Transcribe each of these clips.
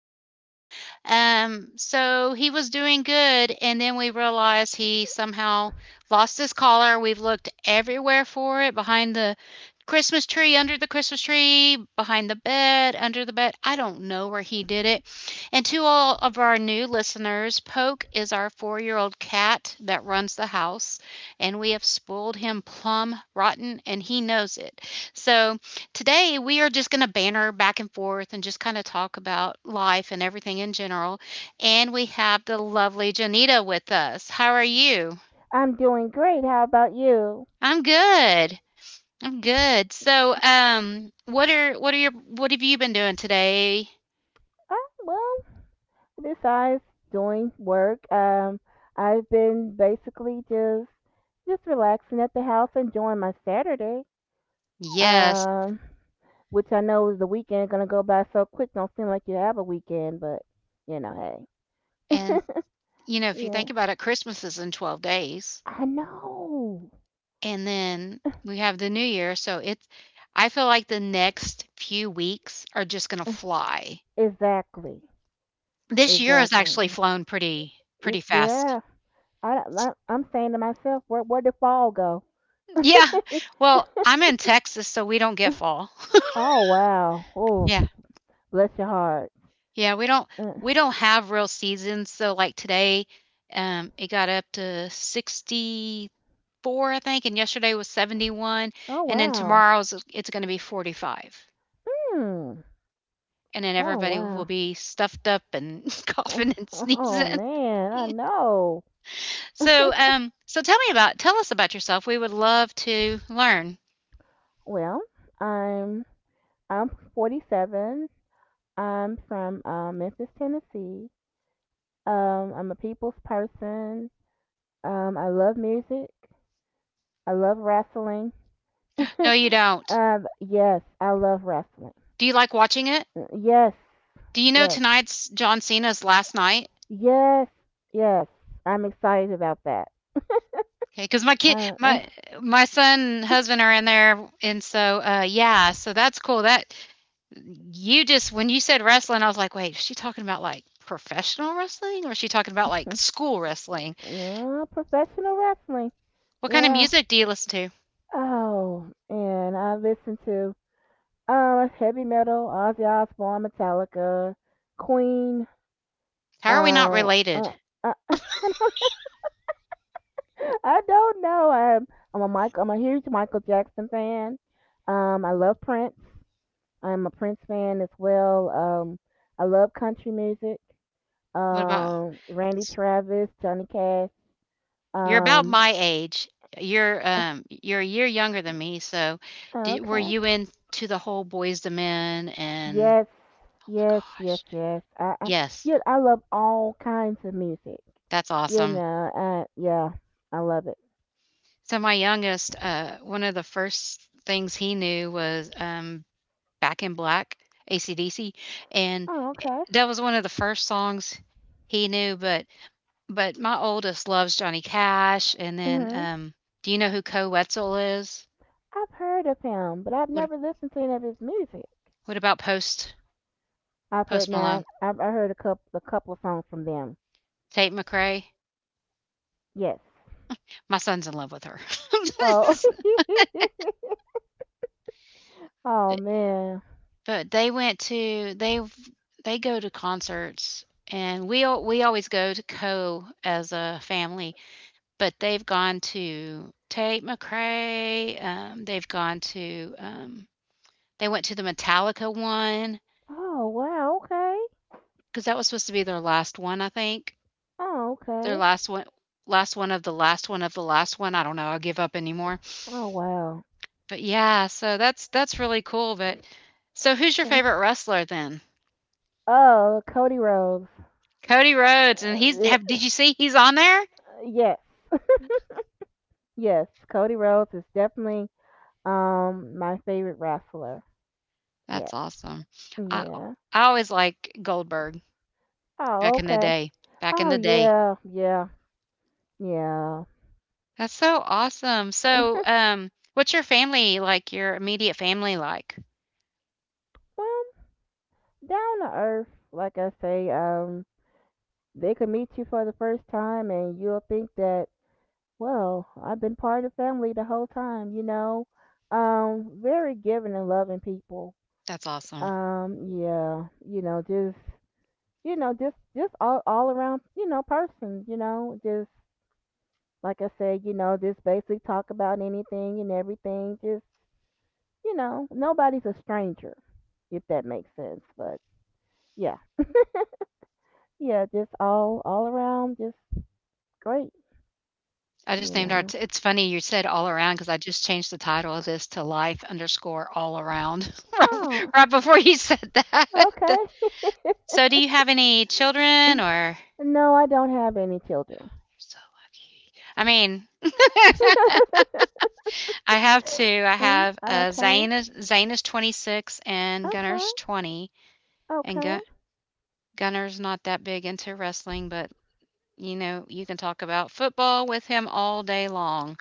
house. So he was doing good, and then we realized he somehow lost his collar. We've looked everywhere for it, behind the Christmas tree, under the Christmas tree, behind the bed, under the bed. I don't know where he did it. And to all of our new listeners, Poke is our 4-year-old old cat that runs the house, and we have spoiled him plum rotten, and he knows it. So, today, we are just going to banter back and forth and just kind of talk about life and everything in general. And we have the lovely Janita with us. How are you? "I'm doing great. How about you?" I'm good. I'm good. So, what have you been doing today? Uh, "Well, besides doing work, I've been basically just relaxing at the house, enjoying my Saturday. Yes. Um, which I know is the weekend gonna go by so quick. Don't seem like you have a weekend, but you know, hey, And, if you yeah, think about it, Christmas is in 12 days. I know And then we have the New Year, so it's I feel like the next few weeks are just going to fly. exactly, This year has exactly. actually flown pretty It, pretty fast. yeah, I I'm saying to myself, where did fall go? Yeah. Well, I'm in Texas, so we don't get fall. Oh wow. Oh, Yeah. bless your heart. Yeah, we don't Uh, we don't have real seasons. So like today, it got up to 64, I think, and yesterday was 71, oh and then wow. tomorrow's it's going to be 45. Hmm. And then Oh everybody will wow. be stuffed up and coughing and oh sneezing. man, I know. So, tell us about yourself. We would love to learn. Well, I'm I'm 47. I'm from Memphis, Tennessee. I'm a people's person. I love music. I love wrestling. No, you don't. Yes, I love wrestling. Do you like watching it? Yes, Do you know yes, tonight's John Cena's last night? yes, yes. I'm excited about that. Okay, because my kid Uh, my my son and husband are in there, and so, yeah, so that's cool, that you just when you said wrestling, I was like, "Wait, is she talking about, like, professional wrestling, or is she talking about, like, school wrestling?" Professional wrestling. What kind of Yeah. music do you listen to? Oh, and I listen to heavy metal, Ozzy Osbourne, Metallica, Queen. How are we not Um, uh, related? uh, I don't know. I'm a Michael. I'm a huge Michael Jackson fan. I love Prince. I'm a Prince fan as well. I love country music. What about Randy Travis, Johnny Cash. You're about Um, my age. You're, um, you're a year younger than me, so do were okay. you into the whole boys II Men and... Yes, Oh my yes, yes, gosh. yes. Yes. yeah, I love all kinds of music. That's You awesome. know, yeah, I love it. So my youngest, one of the first things he knew was "Back in Black," AC/DC, and Oh, okay. that was one of the first songs he knew. But my oldest loves Johnny Cash, and then Mhm. Do you know who Co Wetzel is? I've heard of him, but I've What never listened to any of his music. what about Post I've heard Malone? now. I heard a couple of songs from them. Tate McRae. Yes. My son's in love with her. Oh. oh man. But they go to concerts, and we always go to Co as a family, but they've gone to Tate McRae, they went to the Metallica one Oh wow. Okay. because that was supposed to be their last one, I think. Oh Their okay. last one, last one of the last one of the last one, I don't know, I will give up anymore. Oh wow. But, yeah, so that's really cool, but so who's your Eh. favorite wrestler then? Oh, Cody Rhodes. Cody Rhodes, and Uh, he's have did eh, you see he's on there? yes. Yes, Cody Rhodes is definitely my favorite wrestler. That's Yes. awesome. I Yeah. I always liked Goldberg Oh, back in the okay. day, back in Oh, the day. Yeah. That's so awesome. So, what's your family like, your immediate family like? Well, down to earth, like I say, they could meet you for the first time and you'll think that, well, I've been part of the family the whole time, you know? Very giving and loving people. That's awesome. Yeah, you know, just all around, person, you know, just like I said, just basically talk about anything and everything. Nobody's a stranger, if that makes sense. But yeah, yeah, just all around, just great, I just you named our know. t it's funny you said all around because I just changed the title of this to life underscore all around right Oh, right before you said that. okay. So do you have any children? Or You're No, I don't have any children. so lucky. I mean, I have two. I have, okay, Zayn is 26 and Gunner's okay, 20. And okay, Gunner's not that big into wrestling, but you can talk about football with him all day long.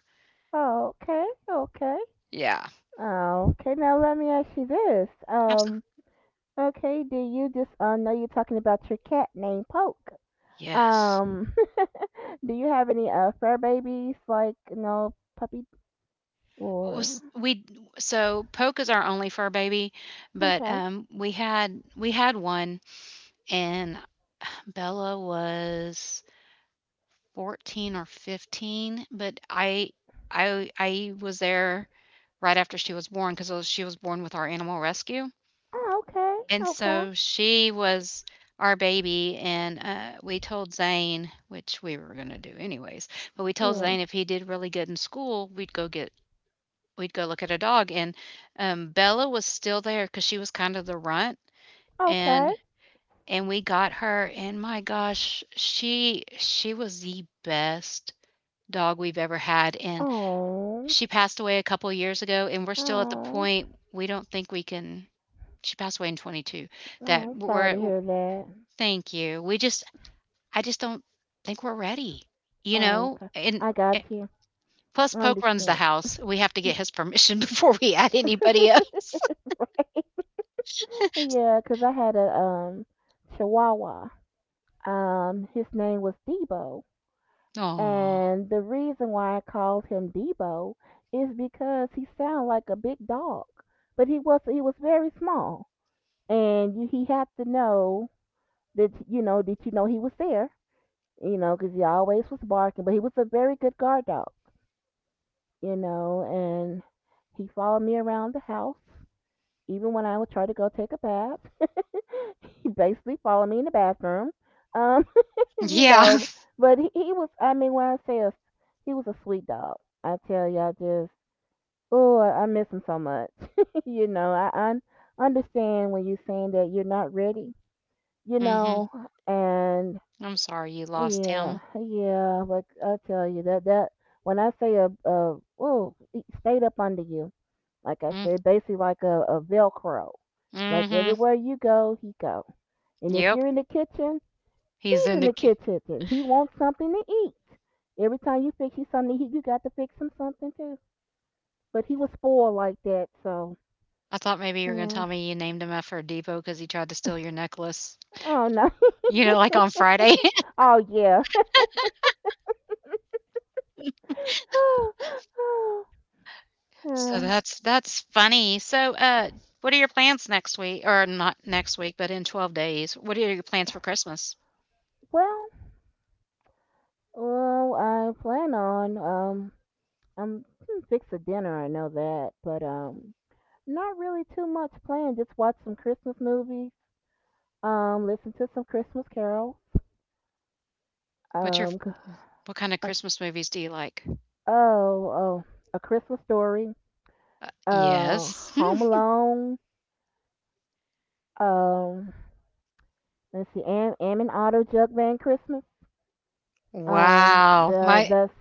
okay, okay. Yeah. Okay, now let me ask you this. Absolutely. Okay, do you just know you're talking about your cat named Poke? Yes. Um, do you have any fur babies like you know puppy or Was we so Poke is our only fur baby, but okay? We had one, and Bella was 14 or 15, but I was there right after she was born cuz she was born with our animal rescue. Oh, And okay, so she was our baby, and we told Zane, which we were going to do anyways, but we told yeah, Zane if he did really good in school, we'd go look at a dog. And Bella was still there because she was kind of the runt, okay. and and we got her, and my gosh, she was the best dog we've ever had, and Oh, she passed away a couple years ago, and we're still at the oh, point we don't think we can. She passed away in 22, that oh. Sorry to we're hear that. thank you. We just I just don't think we're ready, you Oh, know? okay. And I eh got you. plus I Poke runs the understand. house. We have to get his permission before we add anybody else. Right? Yeah, 'cause I had a chihuahua. His name was Debo. Oh, And the reason why I called him Debo is because he sounded like a big dog, but he was very small, and you, he had to know that you know he was there, you know, because he always was barking. But he was a very good guard dog, you know, and he followed me around the house, even when I would try to go take a bath. He basically followed me in the bathroom. Um, you yeah. know, but he was, I mean, when I say a, he was a sweet dog, I tell y'all just, oh, I miss him so much. You know, I understand when you're saying that you're not ready, you Mhm. know, and I'm sorry you lost yeah, him. yeah, but I tell you when I say a oh, it stayed up under you, like I Mm, said, basically like a Velcro. Like mhm. everywhere you go, he go. And if Yep. you're in the kitchen, He's he's in in the the ki kitchen and he wants something to eat. Every time you fix you something to you got to fix him something too. But he was spoiled like that, so I thought maybe you were gonna tell yeah. me you named him after a depot because he tried to steal your necklace, Oh no. Like on Friday. oh yeah. So uh, that's funny. So, what are your plans next week, or not next week, but in 12 days? What are your plans for Christmas? well, well, I plan on I'm gonna fix a dinner. I know that, but not really too much planned. Just watch some Christmas movies. Listen to some Christmas carols. What's your Um, what kinda uh, Christmas movies do you like? oh, oh, a Christmas story. Uh, Yes. Hmm. Home Alone. Um, let's see, Am and Auto Jug Band Christmas. Wow. The My that's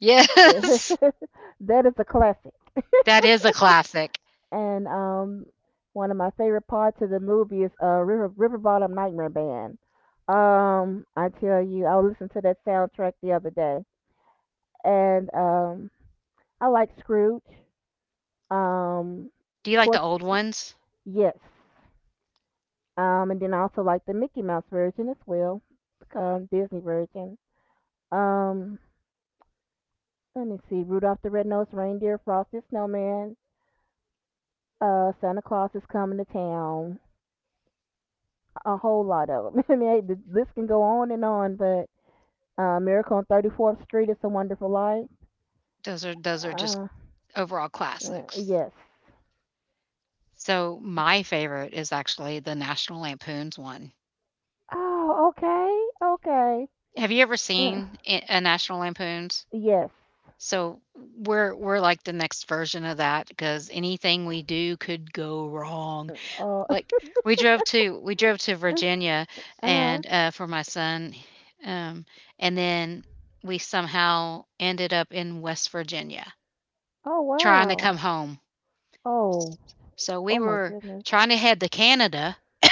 yes. that is a classic. That is a classic. And one of my favorite parts of the movie is River Bottom Nightmare Band. I tell you, I listened to that soundtrack the other day, and I like Scrooge. Um, Do of you like the course, old ones? yes. And then I also like the Mickey Mouse version as well, Disney version. Um, let me see, Rudolph the Red-Nosed Reindeer, Frosty the Snowman, Santa Claus is coming to town. A whole lot of them. I mean, the list can go on and on, but Miracle on 34th Street is a Wonderful Life. Those are just Uh, overall classics. yes. So, my favorite is actually the National Lampoon's one. Oh, okay, okay. Have you ever Uh, seen a National Lampoon's? yes. So, we're like the next version of that because anything we do could go wrong. Uh, uh, Like, we drove to Virginia uh-huh. and, for my son, um, and then we somehow ended up in West Virginia Oh, trying to wow. come home. Oh, So we oh my were goodness. trying to head to Canada.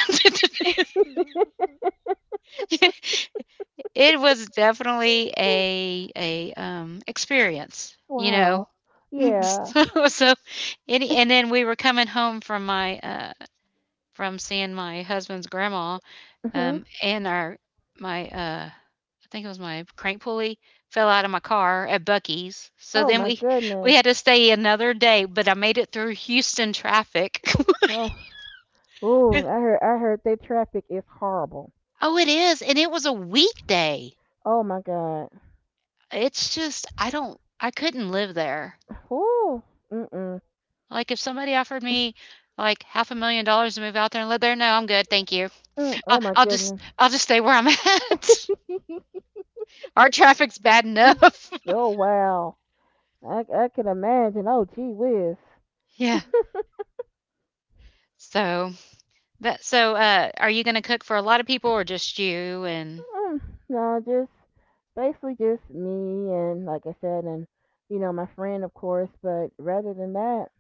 It was definitely a experience, you know? Wow. Yeah. So, any and then we were coming home from from seeing my husband's grandma, Mhm. And our my I think it was my crank pulley fell out of my car at Bucky's. So Oh then my we goodness. we had to stay another day, but I made it through Houston traffic. Oh. Ooh. I heard. I heard their traffic is horrible. Oh, it is, and it was a weekday. Oh my god. It's just I couldn't live there. Ooh. Mm-mm. Mm. Like, if somebody offered me like half a million dollars to move out there and live there, no, I'm good, thank you. Mm. I'll, Oh my I'll just goodness. I'll just stay where I'm at. Our traffic's bad enough. oh wow. I can imagine. Oh gee whiz. Yeah. So are you gonna cook for a lot of people, or just you and... Mm, no, just basically just me and like I said, and you know my friend of course. But rather than that,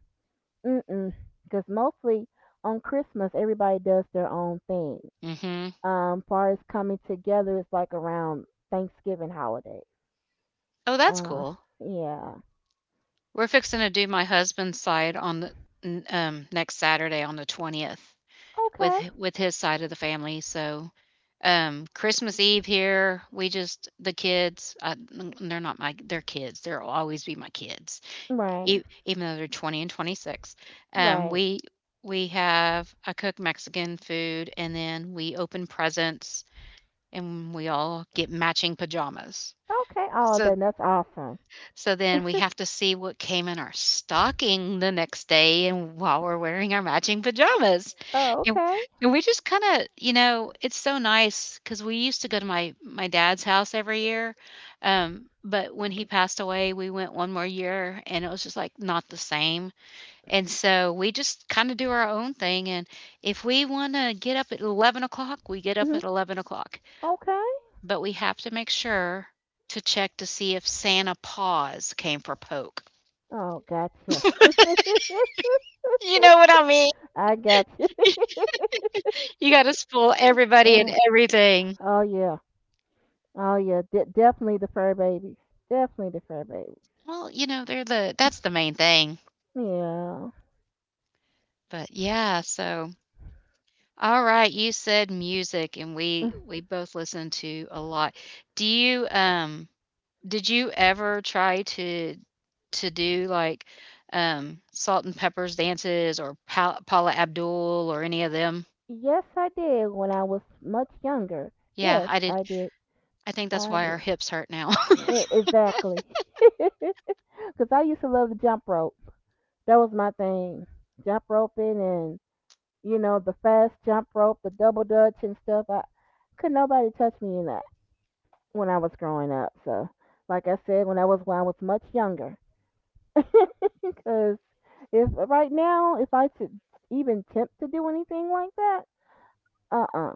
mm-mm. Because mostly on Christmas, everybody does their own thing. Mhm. Far as coming together, it's like around Thanksgiving holiday. Oh, that's Uh, cool. yeah. We're fixing to do my husband's side on the n next Saturday on the 20th with Okay. hi with his side of the family, so, Christmas Eve here, we just the kids, they're not my, they're kids, they'll always be my kids, Right. e even though they're 20 and 26. Um, Right. we we have I cook Mexican food, and then we open presents, and we all get matching pajamas. Okay. Oh, So then that's awesome. so then we have to see what came in our stocking the next day, and while we're wearing our matching pajamas. Oh, And, okay. and we just kind of, it's so nice cuz we used to go to my dad's house every year. But when he passed away, we went one more year and it was just like not the same. And so we just kind of do our own thing. And if we want to get up at 11 o'clock, we get up Hmm. at 11 o'clock. Okay. But we have to make sure to check to see if Santa Paws came for Poke. Oh, gotcha. You know what I mean? I got you. You gotta spoil everybody and Uh, everything. oh yeah. Oh yeah. De- definitely the fur babies. Definitely the fur babies. Well, they're the that's the main thing. Yeah. But yeah, so all right, you said music and we we both listen to a lot. Do you did you ever try to do like Salt and Pepper's dances or Paula Abdul or any of them? Yes, I did when I was much younger. Yeah, Yes, I did. I did. I think that's I why did. our hips hurt now. E- Exactly. Because I used to love the jump rope. That was my thing. Jump roping and, you know, the fast jump rope, the double dutch and stuff. I Could nobody touch me in that when I was growing up. So, like I said, when I was much younger. Because if right now, if I should even tempt to do anything like that, uh-uh.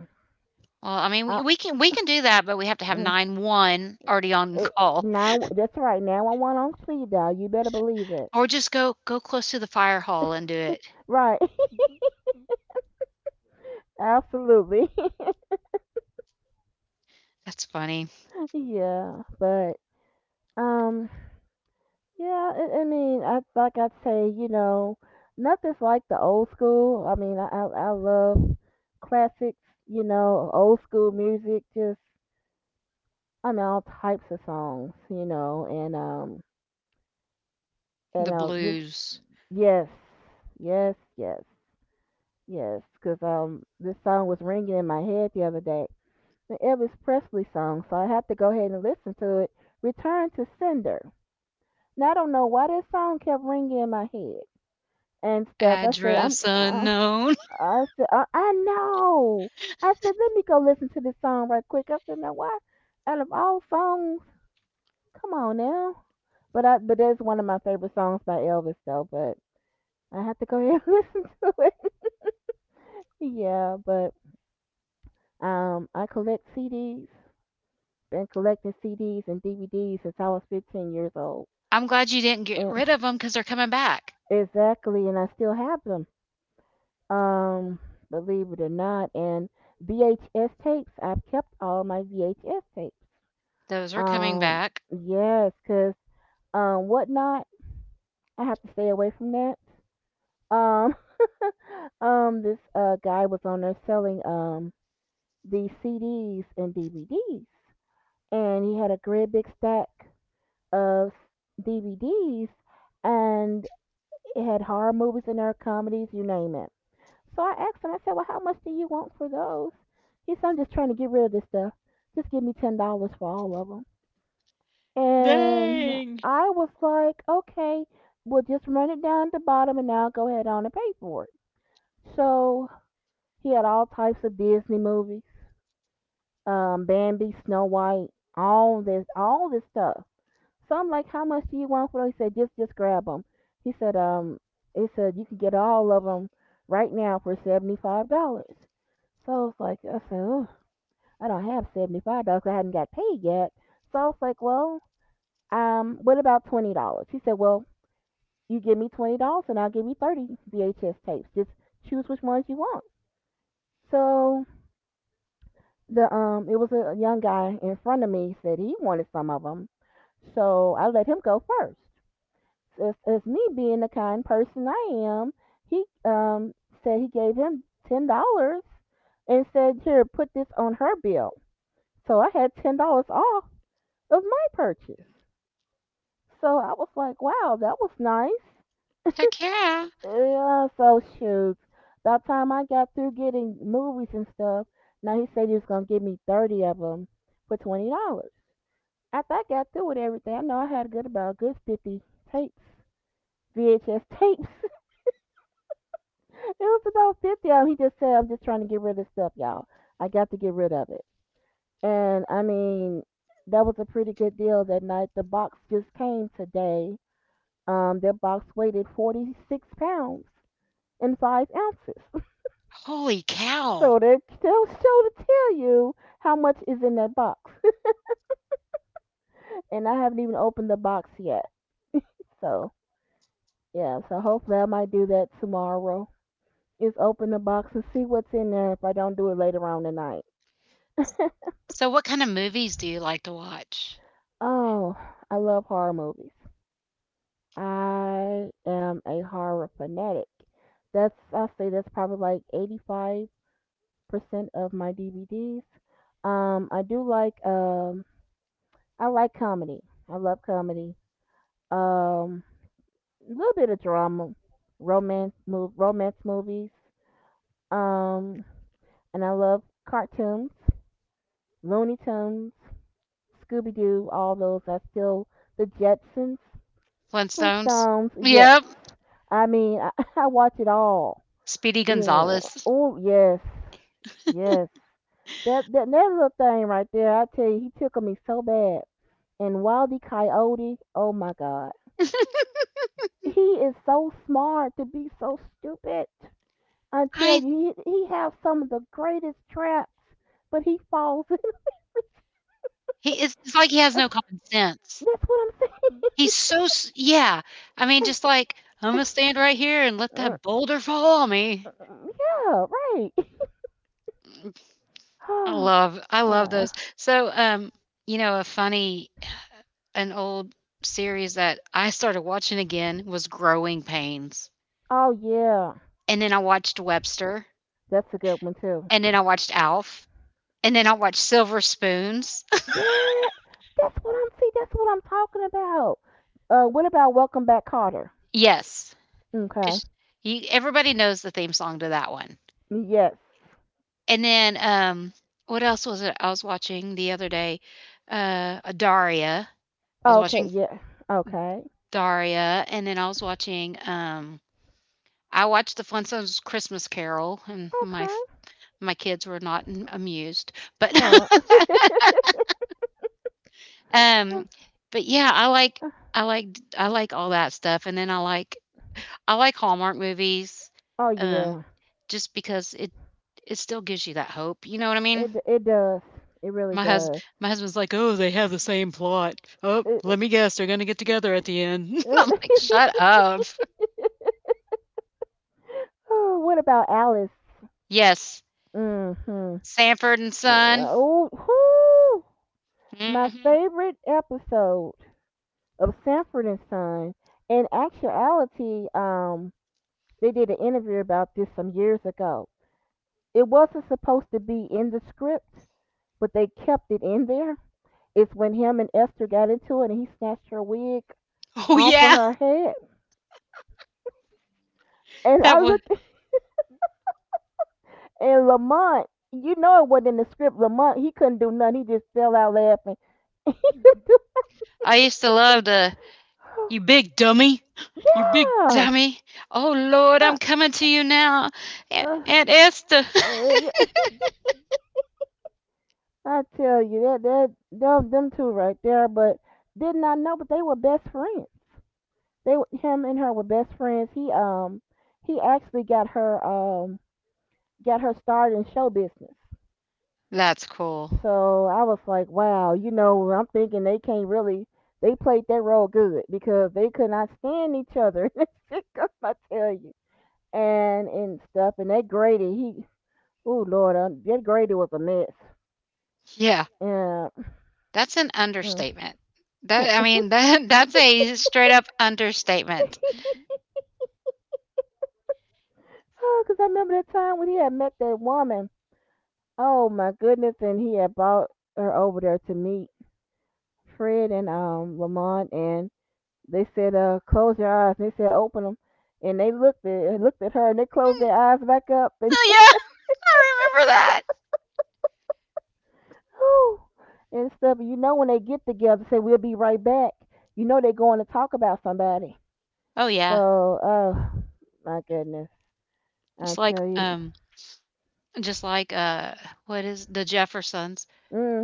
Well, I mean, I, we can do that, but we have to have mm. nine one already on It, call, now, that's right. Now I want on speed dial. You better believe it. or just go close to the fire hall and do it. Right. Absolutely. That's funny. Yeah. But um, yeah. I mean, I like I say, you know, nothing's like the old school. I mean, I love classics. You know, old school music. Just I mean, all types of songs. You know, and The this blues. yes, yes, yes, yes. Because this song was ringing in my head the other day. An Elvis Presley song, so I had to go ahead and listen to it. Return to Sender. Now I don't know why this song kept ringing in my head and stuff. I said, I'm, Address unknown. I said, I know. I said, let me go listen to this song right quick. I said, now why? Out of all songs, come on now. But that's one of my favorite songs by Elvis though. But I have to go ahead and listen to it. Yeah, but I collect CDs. Been collecting CDs and DVDs since I was 15 years old. I'm glad you didn't get And rid of them because they're coming back. exactly, and I still have them. Um, believe it or not, and VHS tapes. I've kept all my VHS tapes. Those are coming Um, back. yes, cause whatnot. I have to stay away from that. Um, this guy was on there selling these CDs and DVDs, and he had a great big stack of DVDs, and it had horror movies in there, comedies, you name it. So I asked him, I said, well, how much do you want for those? He said, I'm just trying to get rid of this stuff. Just give me $10 for all of them. And Dang. I was like, okay, we'll just run it down at the bottom and I'll go ahead on and pay for it. So he had all types of Disney movies, Bambi, Snow White, all this stuff. So I'm like, how much do you want for those? He said, just grab them. He said, um, he said you can get all of them right now for $75. So I was like, I said, oh, I don't have $75. I hadn't got paid yet. So I was like, well, what about $20? He said, well, you give me $20 and I'll give you 30 VHS tapes. Just choose which ones you want. So the it was a young guy in front of me said he wanted some of them. So I let him go first. As me being the kind person I am, he said he gave him $10 and said, "Here, put this on her bill." So I had $10 off of my purchase. So I was like, "Wow, that was nice." Heck yeah. Yeah, so shoot. By the time I got through getting movies and stuff, now he said he was gonna give me 30 of them for $20. After I got through with everything, I know I had good about a good 50 tapes, VHS tapes. It was about 50 of 'em. He just said, "I'm just trying to get rid of stuff, y'all. I got to get rid of it." And I mean, that was a pretty good deal that night. The box just came today. Their box weighed 46 pounds and 5 ounces. Holy cow. So they'll show to tell you how much is in that box. And I haven't even opened the box yet. So, yeah, so hopefully I might do that tomorrow. Is open the box and see what's in there, if I don't do it later on tonight. So, what kind of movies do you like to watch? Oh, I love horror movies. I am a horror fanatic. That's I'll say that's probably like 85% of my DVDs. I do like I like comedy. I love comedy. Um, a little bit of drama, romance movies. Um, and I love cartoons, Looney Tunes, Scooby Doo, all those. I still the Jetsons, Flintstones? Flintstones. Yes, Yep. I mean I, I watch it all. Speedy You know, Gonzales. oh yes, yes. That little thing right there, I tell you, he tickled me so bad. And Wildy Coyote, oh my God, he is so smart to be so stupid. I tell I you, he has some of the greatest traps, but he falls in. He it's like he has no common sense. That's what I'm saying. He's so s yeah. I mean, just like, "I'm gonna stand right here and let Uh, that boulder fall on me." uh, yeah, right. I love uh, those. So, a funny an old series that I started watching again was Growing Pains, oh yeah, and then I watched Webster, that's a good one too. and then I watched Alf, and then I watched Silver Spoons. Yeah, that's what I'm see. That's what I'm talking about. What about Welcome Back, Carter? Yes, Okay. 'cause you everybody knows the theme song to that one. Yes. And then, what else was it I was watching the other day? Daria. I was Okay. watching Yeah. Okay. Daria, and then I was watching. I watched the Flintstones' Christmas Carol, and Okay. my kids were not amused. But Oh. um, but yeah, I like I like all that stuff, and then I like Hallmark movies, Oh um, yeah. just because it still gives you that hope. You know what I mean? It does. It really My hus does. my husband's like, "Oh, they have the same plot. Oh, let It, me guess, they're gonna get together at the end." it, I'm like, "Shut it- up." oh, what about Alice? Yes, Mm-hmm. Sanford and Son. Oh, whew. My Mhm. favorite episode of Sanford and Son. In actuality, they did an interview about this some years ago. It wasn't supposed to be in the script, but they kept it in there. It's when him and Esther got into it and he snatched her wig Oh, off of yeah, her head. And that I was. look at and Lamont, you know it wasn't in the script. Lamont, he couldn't do nothing. He just fell out laughing. I used to love the, "You big dummy. You big Yeah. dummy. Oh, Lord, I'm Uh, coming to you now. Aunt uh, Aunt Esther." uh, I tell you that them two right there. But didn't I know? But they were best friends. They Him and her were best friends. He actually got her started in show business. That's cool. So I was like, wow, you know, I'm thinking they can't really they played their role good because they could not stand each other in the sitcom, I tell you. And stuff, and that Grady, he oh Lord, that Grady was a mess. Yeah, Yeah. that's an Mm. understatement. That I mean, that's a straight up understatement. Oh, 'cause I remember that time when he had met that woman. Oh my goodness! And he had brought her over there to meet Fred and Lamont, and they said, close your eyes." And they said, "Open them," and they looked at her, and they closed their eyes back up, and Oh, yeah, I remember that. whew, and stuff. You know, when they get together, say, "We'll be right back," you know they're going to talk about somebody. Oh, yeah. So, oh my goodness, I Just tell you, just what is The Jeffersons.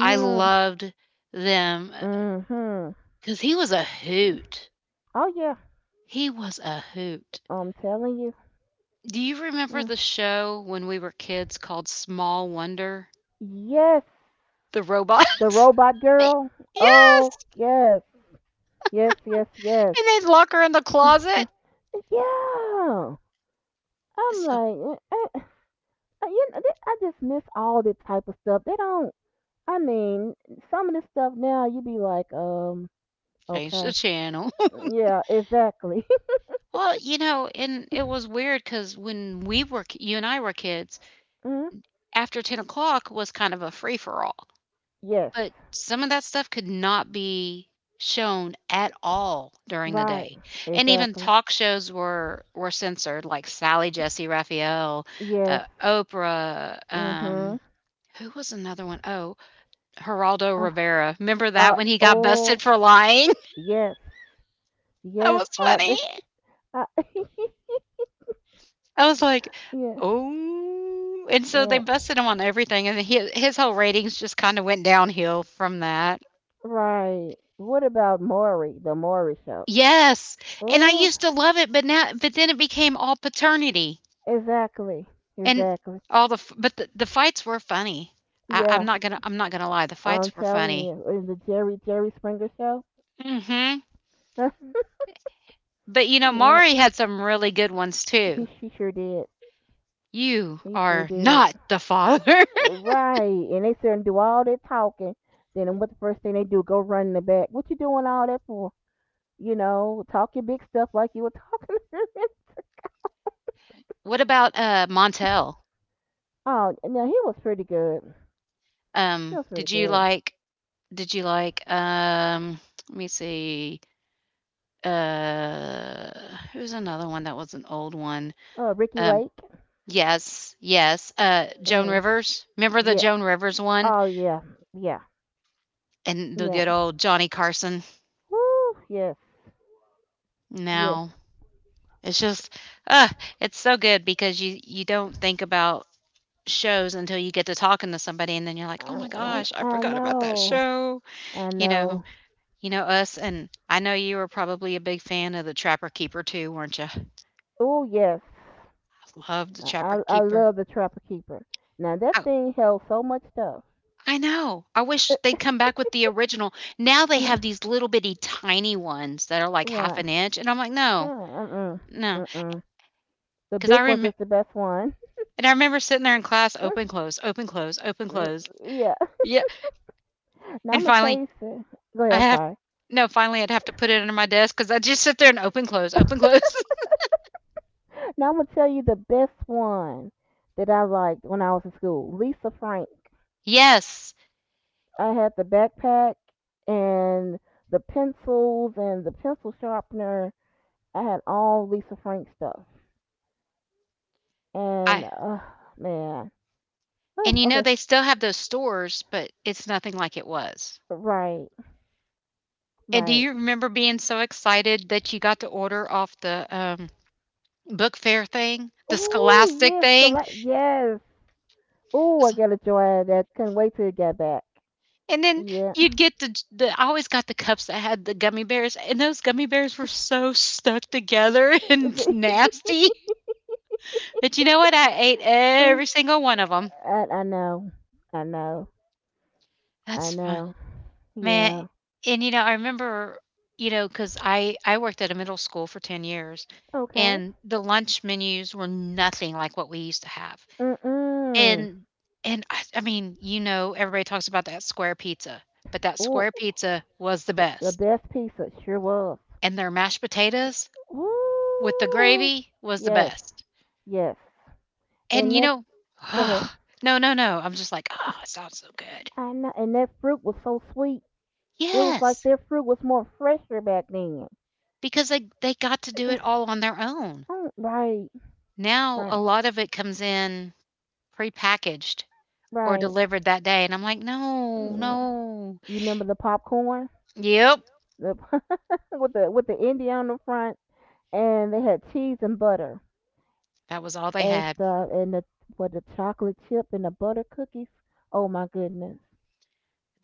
I loved them, because mm-hmm. he was a hoot. Oh yeah, He was a hoot. I'm telling you. Do you remember Mm. the show when we were kids called Small Wonder? Yes. The The robots? robot girl? Yes, Oh, yes. Yes, yes, yes. and they'd lock her in the closet. Yeah. I'm So, like, eh, eh, eh, you know, I just miss all this type of stuff. They don't, I mean, some of this stuff now, you be like, change the okay. channel. Yeah, exactly. Well, you know, and it was weird because when we were you and I were kids, Mm. after 10 o'clock was kind of a free for all. Yes. But some of that stuff could not be shown at all during the Right. day, and even Exactly. talk shows were censored, like Sally Jesse Raphael, Yes. Oprah, Mm-hmm. Who was another one? Oh, Geraldo Uh, Rivera. Remember that when he got busted oh, for lying? yes. That Yes. was funny. I I was like, yeah, "Oh," and so they yeah. busted him on everything, and he his whole ratings just kinda went downhill from that. Right. What about Maury, the Maury show? Yes, and I Oh, used to love it, but now but then it became all paternity exactly, and exactly. all the f but the fights were funny. I I'm Yeah, not gonna I'm not gonna lie, the I'm fights were telling funny. you, in the Jerry Springer show. Mhm, but, you know, Yeah, Maury had some really good ones too. he she sure did. "You He sure are did. not the father." Right, and they sit and do all that talking. Then what the first thing they do? Go run in the back. What you doing all that for? You know, talk your big stuff like you were talking to him. What about, Montel? Oh, no, he was pretty good. He Um, was pretty did you good. like did you like, let me see, uh, who's another one that was an old one? Oh, Ricky Um Lake. Yes, yes. Joan Mm, Rivers. Remember the yeah. Joan Rivers one Oh, yeah. Yeah. and the Yeah. good old Johnny Carson? Woo, yes. Yes. No, it's just, uh, it's so good because you don't think about shows until you get to talking to somebody, and then you're like, oh I, my gosh, I, I I forgot about that know. show. I You know, know. you know us, and I know you were probably a big fan of the Trapper Keeper too, weren't you? Oh, yes. I loved the I, Trapper I I Keeper. love the Trapper Keeper. Now, that thing held so much stuff. I know. I Uh, wish they'd come back with the original. Now they no, have these little bitty tiny ones that are like half right. an inch, and I'm like, "No, Uh-uh. no, Uh-uh. The because I big ones is remember, the best one. and I remember sitting there in class, Mm, open, close, open, close, open, mm, close. yeah. Yeah, Now, and I'm going to tell finally, you. Go ahead. I I'm have sorry. no, finally, I'd have to put it under my desk because 'cause just sit there and open, close, open, close. Now, I'm going to tell you the best one that I liked when I was in school, Lisa Frank. Yes, I had the backpack and the pencils and the pencil sharpener. I had all Lisa Frank stuff. I And man, and oh you know, okay, they still have those stores, but it's nothing like it was. right, And do right. you remember being so excited that you got to order off the Book fair thing, the Oh Scholastic yes, thing, yes. Oh, I s got a joy out of that. Couldn't wait till it got back. and then Yeah. you'd get the j the I always got the cups that had the gummy bears, and those gummy bears were so stuck together and nasty, but you know what? I ate every single one of them. I know. I know. I That's fun. know. Man, Yeah. and, you know, I remember, you know, because I worked at a middle school for 10 years, Okay. and the lunch menus were nothing like what we used to have. Mm mm. And I mean, you know, everybody talks about that square pizza, but that Oh, square pizza was the the best, best pizza sure was. and their mashed potatoes with the Ooh. gravy was the Yes. best. Yes. And, And you that, know go ahead. no, no, no, I'm just like, "Oh, it sounds so good." I know. And that fruit was so sweet. It was like Yes, their fruit was more fresher back then. because they got to do it all on their own. Mm, right. Now a Right. lot of it comes in prepackaged or Right. delivered that day, and I'm like, "No, Yeah. no." You remember the popcorn? Yep, The with the Indian on the front, and they had cheese and butter that was all they as had. the and the what the chocolate chip and the butter cookies. Oh my goodness.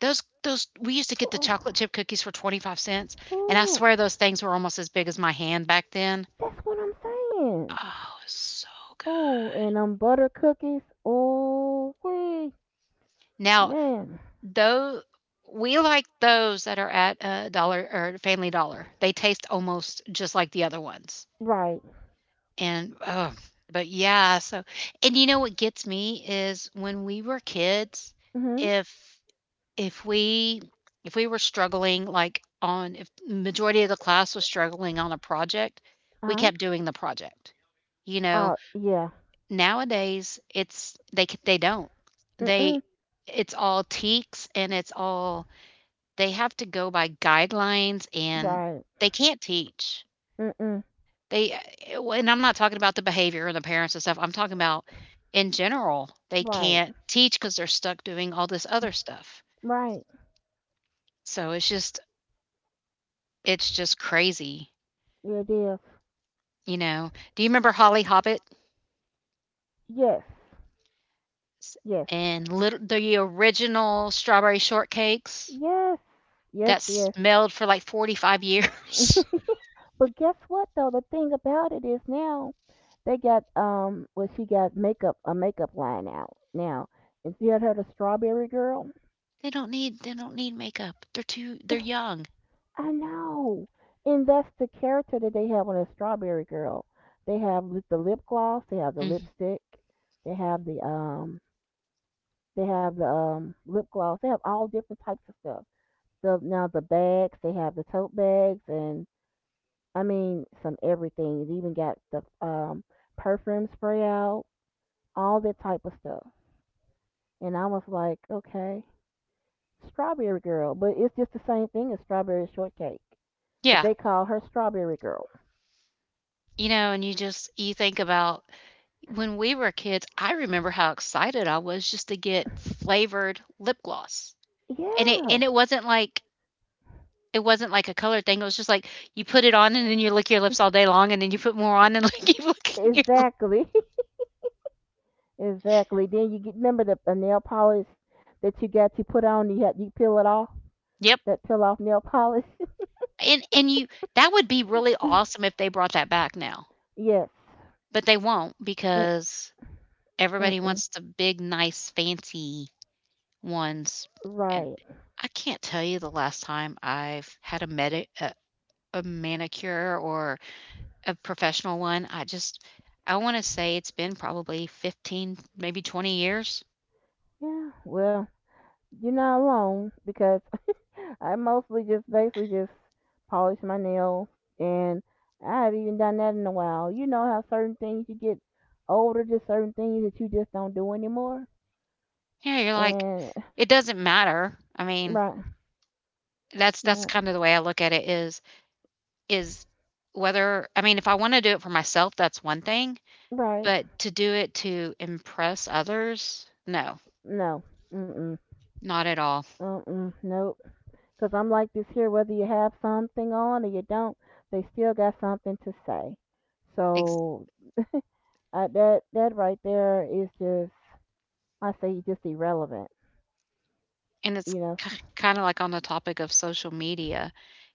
Those we used to get the Oh, chocolate chip cookies for 25¢, and I oh, swear those things were almost as big as my hand back then. that's what I'm saying. Oh, it's so good. Oh, and butter cookies. Oh, wee, Now, man. though we like those that are at Dollar or Family Dollar. They taste almost just like the other ones. Right. And oh, but yeah, so and you know what gets me is when we were kids, Mhm. if If we if we were struggling, like, on if majority of the class was struggling on a project, we Uh-huh. kept doing the project. You know, Oh yeah. nowadays, it's they c they don't. They Mm-mm. it's all teaks, and it's all they have to go by guidelines, and Right. they can't teach. Mm-mm. Well, and I'm not talking about the behavior and the parents and stuff, I'm talking about in general, they Right. can't teach because 'cause they're stuck doing all this other stuff. Right. So, it's just crazy, Yeah, it is. you know? Do you remember Holly Hobbit Yes. s Yes. and little the original strawberry shortcakes Yes. Yes. that Yes. smelled for like 45 years? But guess what though? The thing about it is now they got well she got makeup a makeup line out now. And she had her the Strawberry Girl? They don't need makeup. They're young. I know. And that's the character that they have on the Strawberry Girl. They have the lip gloss, they have the Mhm. lipstick, they have the lip gloss. They have all different types of stuff. The Now the bags, they have the tote bags, and I mean some everything. It even got the perfume spray out, all that type of stuff. And I was like, okay, Strawberry Girl, but it's just the same thing as Strawberry Shortcake. But Yeah, they call her Strawberry Girl. you know, and you think about when we were kids, I remember how excited I was just to get flavored lip gloss, and it Yeah. and it wasn't like it wasn't like a colored thing. It was just like you put it on and then you lick your lips all day long and then you put more on and like you lick your lips. Exactly, exactly. Then you get, remember the nail polish that you put on. You peel it off. Yep. That peel off nail polish. And you that would be really awesome if they brought that back now. Yes. But they won't Mm, because mm, everybody mm. wants the big, nice, fancy ones. And Right. I can't tell you the last time I've had a manicure or a professional one. I want to say it's been probably 15, maybe 20 years. Yeah. Well, you're not alone because I mostly just basically just polish my nails, and I haven't even done that in a while. You know how certain things you get older, just certain things that you just don't do anymore. Yeah, you're like, And it doesn't matter. I mean, right, that's right, kind of the way I look at it is whether I mean, if I want to do it for myself, that's one thing, right. but to do it to impress others, no, No. Mm mm. not at all. Because 'cause I'm like this here, whether you have something on or you don't, they still got something to say. Ex- So that right there is just, I say, just irrelevant. and it's You know. kind of like on the topic of social media.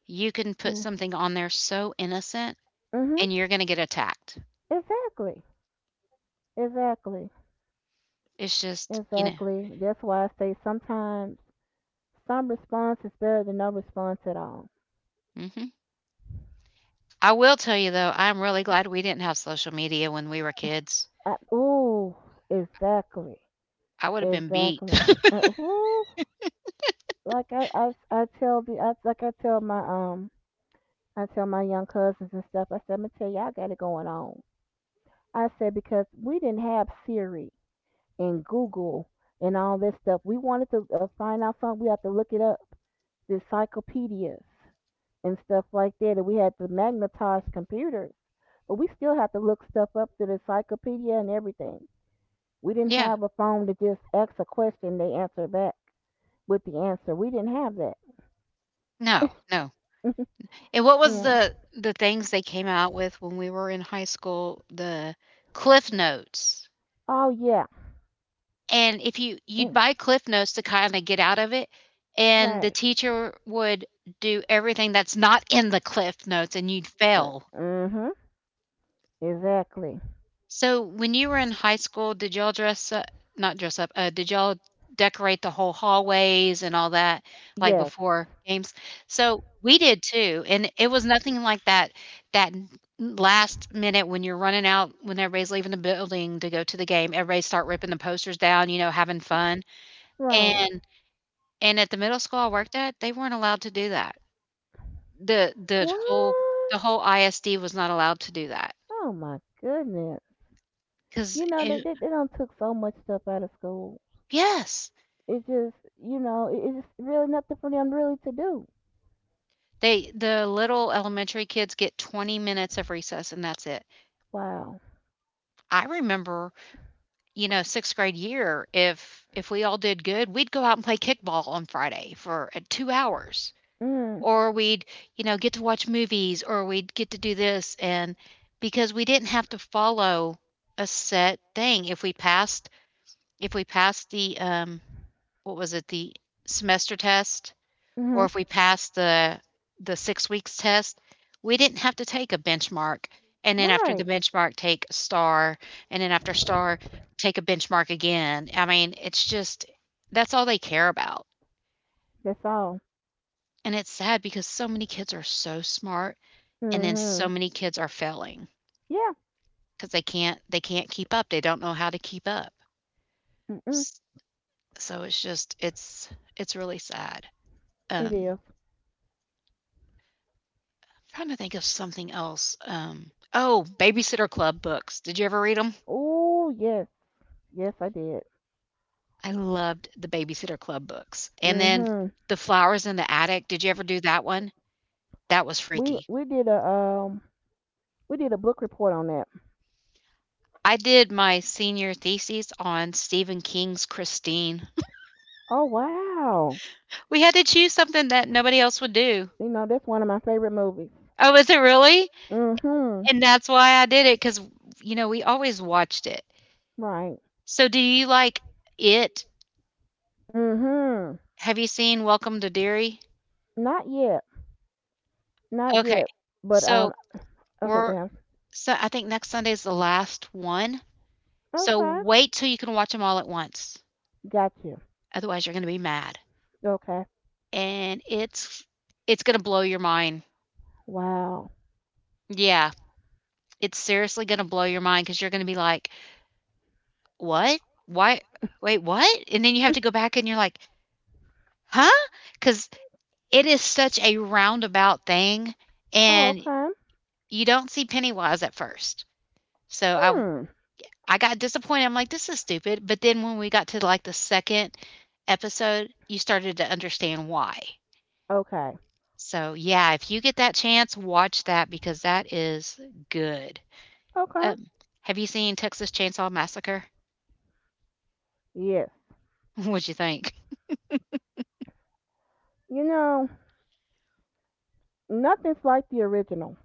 You can put Yeah. something on there so innocent Mhm. and you're going to get attacked. Exactly. Exactly. It's just, you know. Exactly. That's why I say sometimes some response is better than no response at all. hmm I will tell you though, I'm really glad we didn't have social media when we were kids. I, ooh. Exactly. I would have been beat. Exactly. Ooh. Like I tell my young cousins and stuff, I said, I'm gonna tell you, I got it going on. I said, because we didn't have Siri and Google and all this stuff. We wanted to find out something, we have to look it up. The encyclopedias and stuff like that, and we had to magnetize computers. But we still have to look stuff up through the encyclopedia and everything. We didn't Yeah. have a phone to just ask a question, they answer back with the answer. We didn't have that. No, no. And what was Yeah. the things they came out with when we were in high school? The Cliff Notes. Oh, yeah. And if you you'd Mm, buy Cliff Notes to kinda get out of it, and the right. teacher would do everything that's not in the Cliff Notes, and you'd fail. Mm hmm. Exactly. So, when you were in high school, did y'all dress up not dress up, did y'all decorate the whole hallways and all that, like, Yes. before games? So, we did too, and it was nothing like that that n last minute when you're running out, when everybody's leaving the building to go to the game, everybody start ripping the posters down, you know, having fun, Right. and and at the middle school I worked at, they weren't allowed to do that. The the What? whole the whole ISD was not allowed to do that Oh my goodness. 'cause You know they it they, they done took so much stuff out of school. Yes. It just, you know it. It's just really nothing for them really to do. They the little elementary kids get 20 minutes of recess, and that's it. Wow. I remember, you know, 6th grade year, if we all did good, we'd go out and play kickball on Friday for, 2 hours, Mm. or we'd, you know, get to watch movies, or we'd get to do this, and because we didn't have to follow a set thing. If we passed what was it? The semester test, or Mhm. if we passed the 6 weeks test, we didn't have to take a benchmark, and then after the Right. benchmark, take a star, and then after star, take a benchmark again. I mean, it's just that's all they care about, That's all. and it's sad because so many kids are so smart, and then so Mhm. many kids are failing Yeah. because they can't keep up, they don't know how to keep up. Mhm. S so it's just it's really sad, It um is. Trying to think of something else. Oh, Babysitter Club books. Did you ever read them? Oh yes. Yes I did. I loved the Babysitter Club books. And then Mhm. The Flowers in the Attic. Did you ever do that one? That was We freaky. we did a um we did a book report on that. I did my senior thesis on Stephen King's Christine. Oh wow. We had to choose something that nobody else would do. You know that's one of my favorite movies. Oh, is it really? Mhm. And that's why I did it, we always watched it. Right. So do you like it? Mm-hmm. Have you seen Welcome to Derry? Not yet. Not Okay. yet. But So okay, go we're ahead. So, I think next Sunday is the last one, so Okay. wait till you can watch them all at once, Got you. otherwise you're gonna be mad, Okay. and it's gonna blow your mind. Wow. Yeah, it's seriously gonna blow your mind because you're gonna be like, "What? Why wait, what?" And then you have to go back and you're like, huh? Because it is such a roundabout thing, Oh, and okay. you don't see Pennywise at first. So, I Hmm. I got disappointed. I'm like, "This is stupid." But then when we got to, like, the 2nd episode, you started to understand why. Okay. So, yeah, if you get that chance, watch that because that is good. Okay. Um, have you seen Texas Chainsaw Massacre? Yes. What'd you think? You know, nothing's like the original.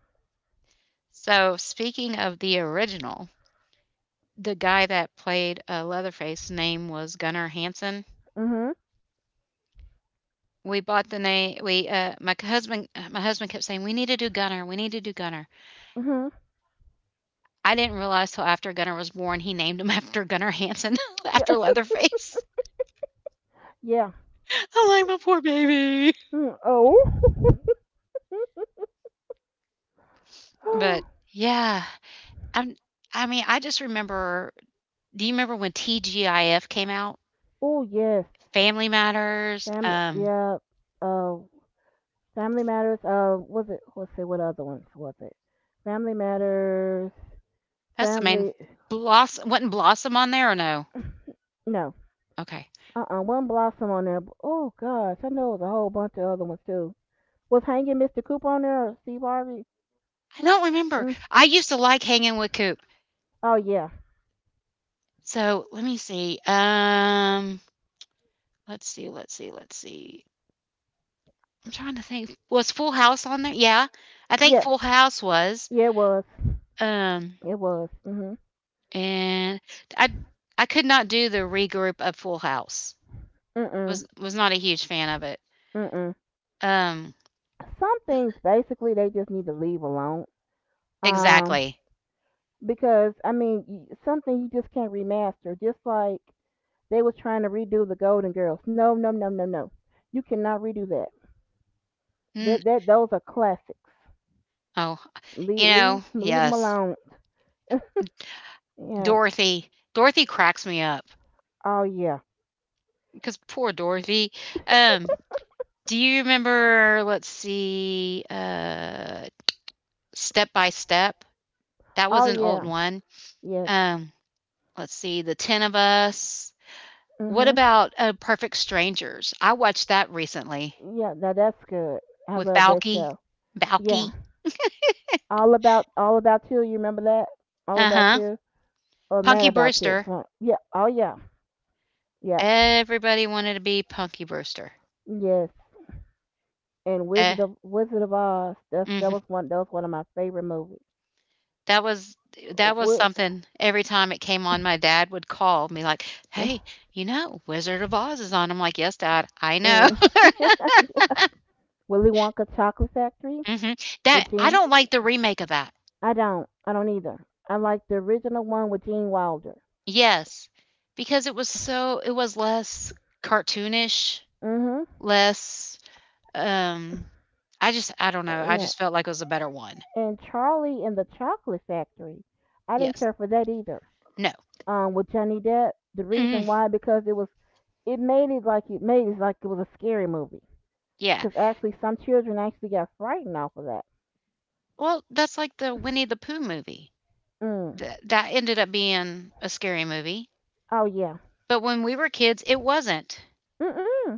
So, speaking of the original, the guy that played, Leatherface name was Gunnar Hansen. Mm-hmm. We bought the name we. My husband kept saying, "We need to do Gunnar, we need to do Gunnar." Mm-hmm. I didn't realize till after Gunnar was born, he named him after Gunnar Hansen, Yeah. after Leatherface. Yeah. I'm like, my poor baby. Mm. Oh. But yeah, I'm, I mean, I just remember. Do you remember when TGIF came out? Oh yes. Family Matters. Family, yeah. Uh Family Matters. Was it, let's see what other ones was it? Family Matters. That's the main. Family? Blossom, wasn't Blossom on there or no? No. Okay, Uh-uh, one Blossom on there. Oh gosh, I know it was a whole bunch of other ones too. Was Hanging Mr. Cooper on there or Steve Harvey? I don't remember. Mm. I used to like hanging with Coop. Oh yeah, So let me see. Let's see. Let's see. Let's see. I'm trying to think. Was Full House on there? Yeah, I think yes, Full House was. yeah it was, Um, it was. Mhm. and I I could not do the regroup of Full House. Mm Was not a huge fan of it. mm mm. Um, Some things basically they just need to leave alone. Um, exactly. because I mean, something you just can't remaster. Just like they was trying to redo the Golden Girls. No, no, no, no, no. You cannot redo that. Mm, That those are classics. oh, Leave leave leave them yes, alone. Yeah. Dorothy. Dorothy cracks me up Oh yeah. because poor Dorothy. Um, do you remember? Let's see. Step by Step. That was Oh an old yeah. one. Yes. Um, let's see. The Ten of Us. What Mhm. about, Perfect Strangers? I watched that recently Yeah. Now that's good. I with love that Balky. show. Yeah. Balky. All about you. You remember that? All about Uh-huh. you or Mad Punky About You? Brewster. Yeah. Oh yeah. Yeah. Everybody wanted to be Punky Brewster. Yes. And Eh Wizard of Oz. That mhm. was one. That was one of my favorite movies. That was that was What? something every time it came on, my dad would call me like, "Hey, you know, Wizard of Oz is on." I'm like, "Yes, dad, I know." Mm. yeah. Willy Wonka Chocolate Factory Mhm. That with I Gene. don't like the remake of that. I don't. I don't either. I like the original one with Gene Wilder. Yes, because it was less cartoonish, Mhm. less, um I don't know, I Yeah. just felt like it was a better one. And Charlie in the Chocolate Factory. I didn't Yes. care for that either. No. With Johnny Depp, the Mm, reason why because it was it made it like it was a scary movie. yeah. Because actually, some children actually got frightened off of that. Well, that's like the Winnie the Pooh movie. Mm. That ended up being a scary movie. Oh yeah. But when we were kids, it wasn't. Mm mm.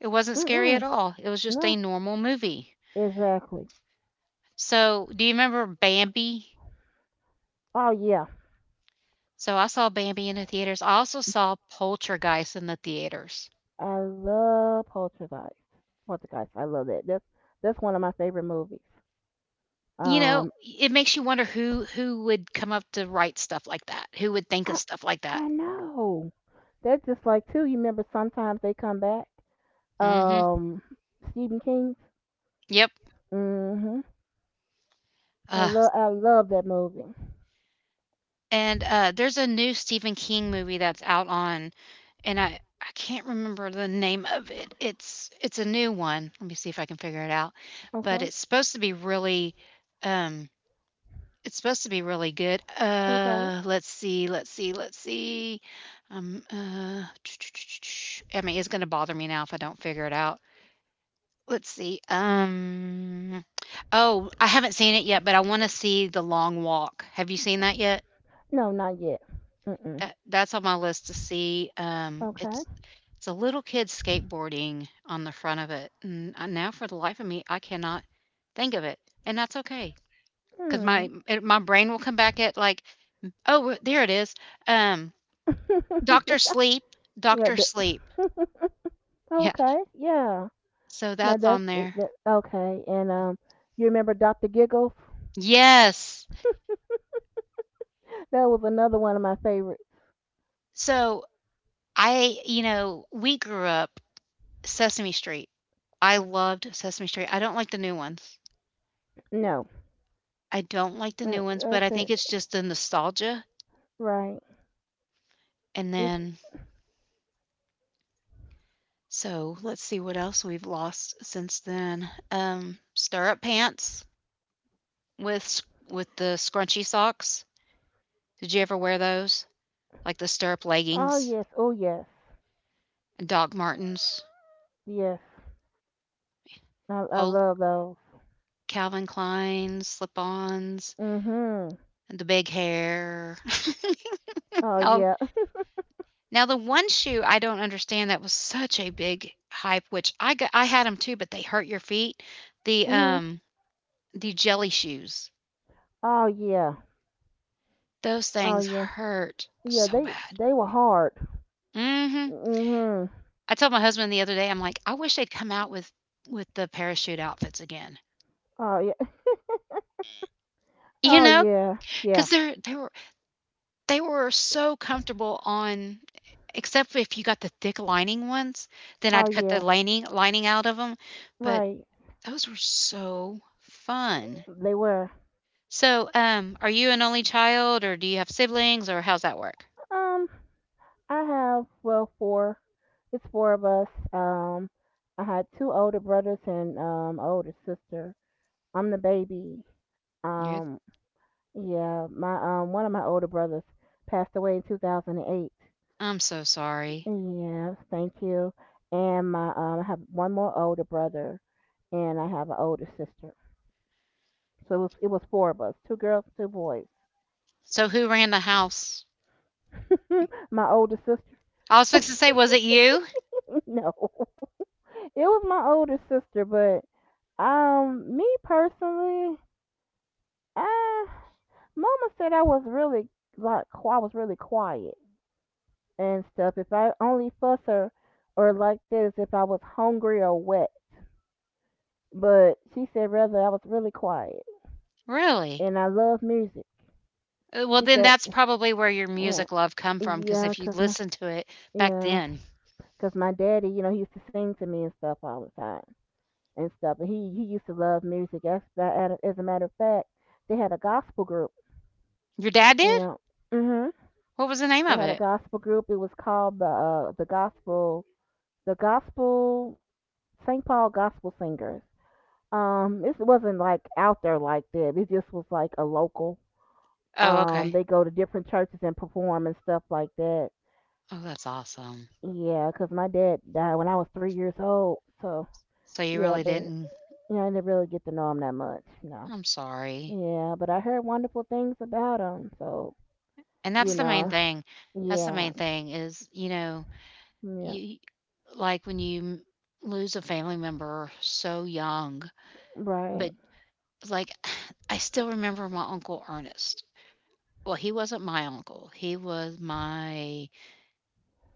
It Mm wasn't scary mm. at all. It was just a No. normal movie. Exactly. So, do you remember Bambi? Oh yeah. So, I saw Bambi in the theaters. I also saw Poltergeist in the theaters. I love Poltergeist. Poltergeist. I love that. That's one of my favorite movies. You know, Um. it makes you wonder who would come up to write stuff like that. Who would think I of stuff like that? I know. That's just like too. You remember sometimes they come back. Mhm. Um, Stephen King. Yep. Mhm. I Uh, love I love that movie. And there's a new Stephen King movie that's out on and I can't remember the name of it. It's a new one. Let me see if I can figure it out. But Okay. it's supposed to be really, um, it's supposed to be really good. Okay. Let's see, let's see, let's see. Um, uh, I mean, it's gonna bother me now if I don't figure it out. Let's see. Oh, I haven't seen it yet, but I want to see The Long Walk. Have you seen that yet? No, not yet. Mm. That's on my list to see, Okay. It's a little kid skateboarding on the front of it, and, now for the life of me, I cannot think of it, and that's okay, because my Hmm. it my brain will come back at, like, "Oh, there it is, um, Doctor yeah. Sleep, Yeah. Doctor The Sleep." Yeah, okay. Yeah. so Now that's that's on there. that. Okay. And You remember Doctor Giggles? Yes. That was another one of my favorites. So, we grew up Sesame Street. I loved Sesame Street, I don't like the new ones. No. I don't like the new ones, but That's I it. think it's just the nostalgia, Right. and This. then so let's see what else we've lost since then. Stirrup pants with s with the scrunchy socks. Did you ever wear those? Like the stirrup Oh leggings, yes. Oh yes. and Doc Martens, Yes. I whole love those. Calvin Klein slip-ons, Mhm. and the big hair. Oh Oh, yeah. now the one shoe I don't understand that was such a big hype, which I had them too, but they hurt your feet. The, hmm um The jelly shoes. Oh yeah. Those Oh things yeah. hurt Yeah, so they bad. they were hard. Mhm. Hmm I told my husband the other day, I'm like, "I wish they'd come out with the parachute outfits again." Oh yeah. You Oh know, yeah. Yeah. because 'Cause they're they were so comfortable on except if you got the thick lining ones, then Oh I'd cut yeah. the lining out of them. But Right. those were so fun. They were. So, are you an only child, or do you have siblings, or how's that work? Um, I have well four. It's four of us. I had two older brothers and older sister. I'm the baby. You're Um, yeah. My one of my older brothers passed away in 2008. I'm so sorry. Yes, thank you. And my I have one more older brother, and I have an older sister. So it was four of us, two girls, two boys. So who ran the house? My older sister. I was fixing to say, was it you? No, it was my older sister, but me personally, uh, Mama said I was really I was really quiet and stuff. If I only fuss her or like that is if I was hungry or wet. But she said rather I was really quiet. Really? And I love music. Well, She then said, that's probably where your uh, music love come from, because yeah, if you 'cause my listen to it back yeah, then, 'cause my daddy, you know, he used to sing to me and stuff all the time and stuff. And he used to love music. As a matter of fact, they had a gospel group. your dad You did. know, mhm. What was the name They of had a it? gospel group. It was called the gospel St. Paul Gospel Singers. This wasn't like out there like that. It just was like a local. Oh, okay. They go to different churches and perform and stuff like that. Oh, that's awesome. Yeah, 'cause my dad died when I was 3 years old. So, So you yeah, really but, didn't. you know, I didn't really get to know him that much. No. I'm sorry. Yeah, but I heard wonderful things about him. So, And you that's the main know, thing. That's the yeah. main thing is you know Yeah. you like when you lose a family member so young, Right. but like I still remember my uncle Ernest. Well, he wasn't my uncle. He was my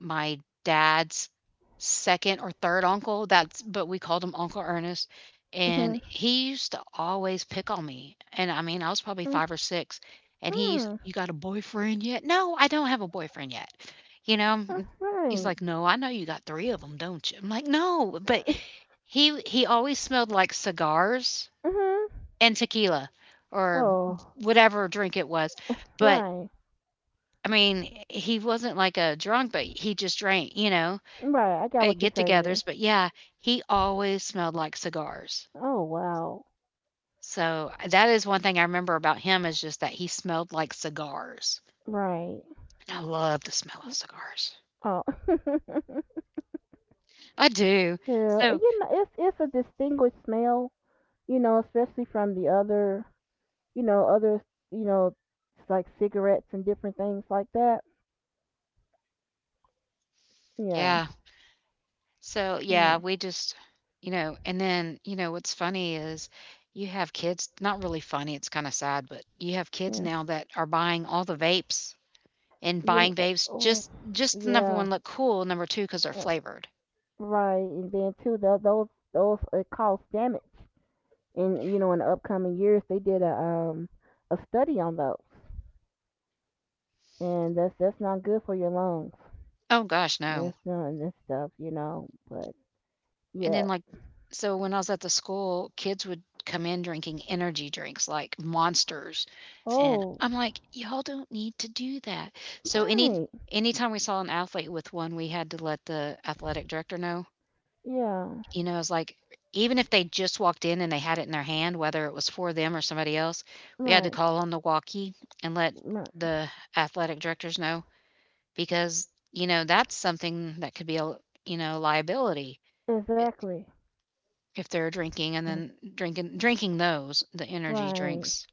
my dad's second or third uncle, that's but we called him Uncle Ernest, and Mm-hmm. he used to always pick on me, and I mean, I was probably 5 or 6, and he's, Mm-hmm. "You got a boyfriend yet?" "No, I don't have a boyfriend yet." You know, m He's Right. like, "No, I know you got 3 of them, 'em, don't you?" I'm like, "No," but he always smelled like cigars hmm and tequila or Oh, whatever drink it was, but, right. I mean, he wasn't like a drunk, but he just drank, you know? Right. I got At what you're saying. get-togethers, but yeah, he always smelled like cigars. Oh, wow. So, that is one thing I remember about him is just that he smelled like cigars, Right. and I love the smell of cigars. Oh. yeah. I do. You So know, it's a distinguished smell, you know, especially from the other you know, other, you know, like cigarettes and different things like that. Yeah, yeah. So, yeah, yeah, we just you know, and then, you know, what's funny is you have kids not really funny, it's kinda sad, but you have kids yeah. now that are buying all the vapes and You, kn- buying uh, vapes oh, just number yeah, 1, look cool, number 2, 'cause they're uh, flavored. right. And then too, those those cause damage, and you know, in the upcoming years, they did a study on those, and that's not good for your lungs. Oh gosh, no. That's none this stuff, you know. But And yeah, then, like, so when I was at the school, kids would come in drinking energy drinks like Monsters, and oh, I'm like, "Y'all don't need to do that." So any right, Anytime we saw an athlete with one, we had to let the athletic director know. yeah, You know, it's like even if they just walked in and they had it in their hand, whether it was for them or somebody else, we had to right, call on the walkie and let right, the athletic directors know because, you know, that's something that could be a, you know, liability. exactly, If they're drinking and then drinking those, the energy right. drinks.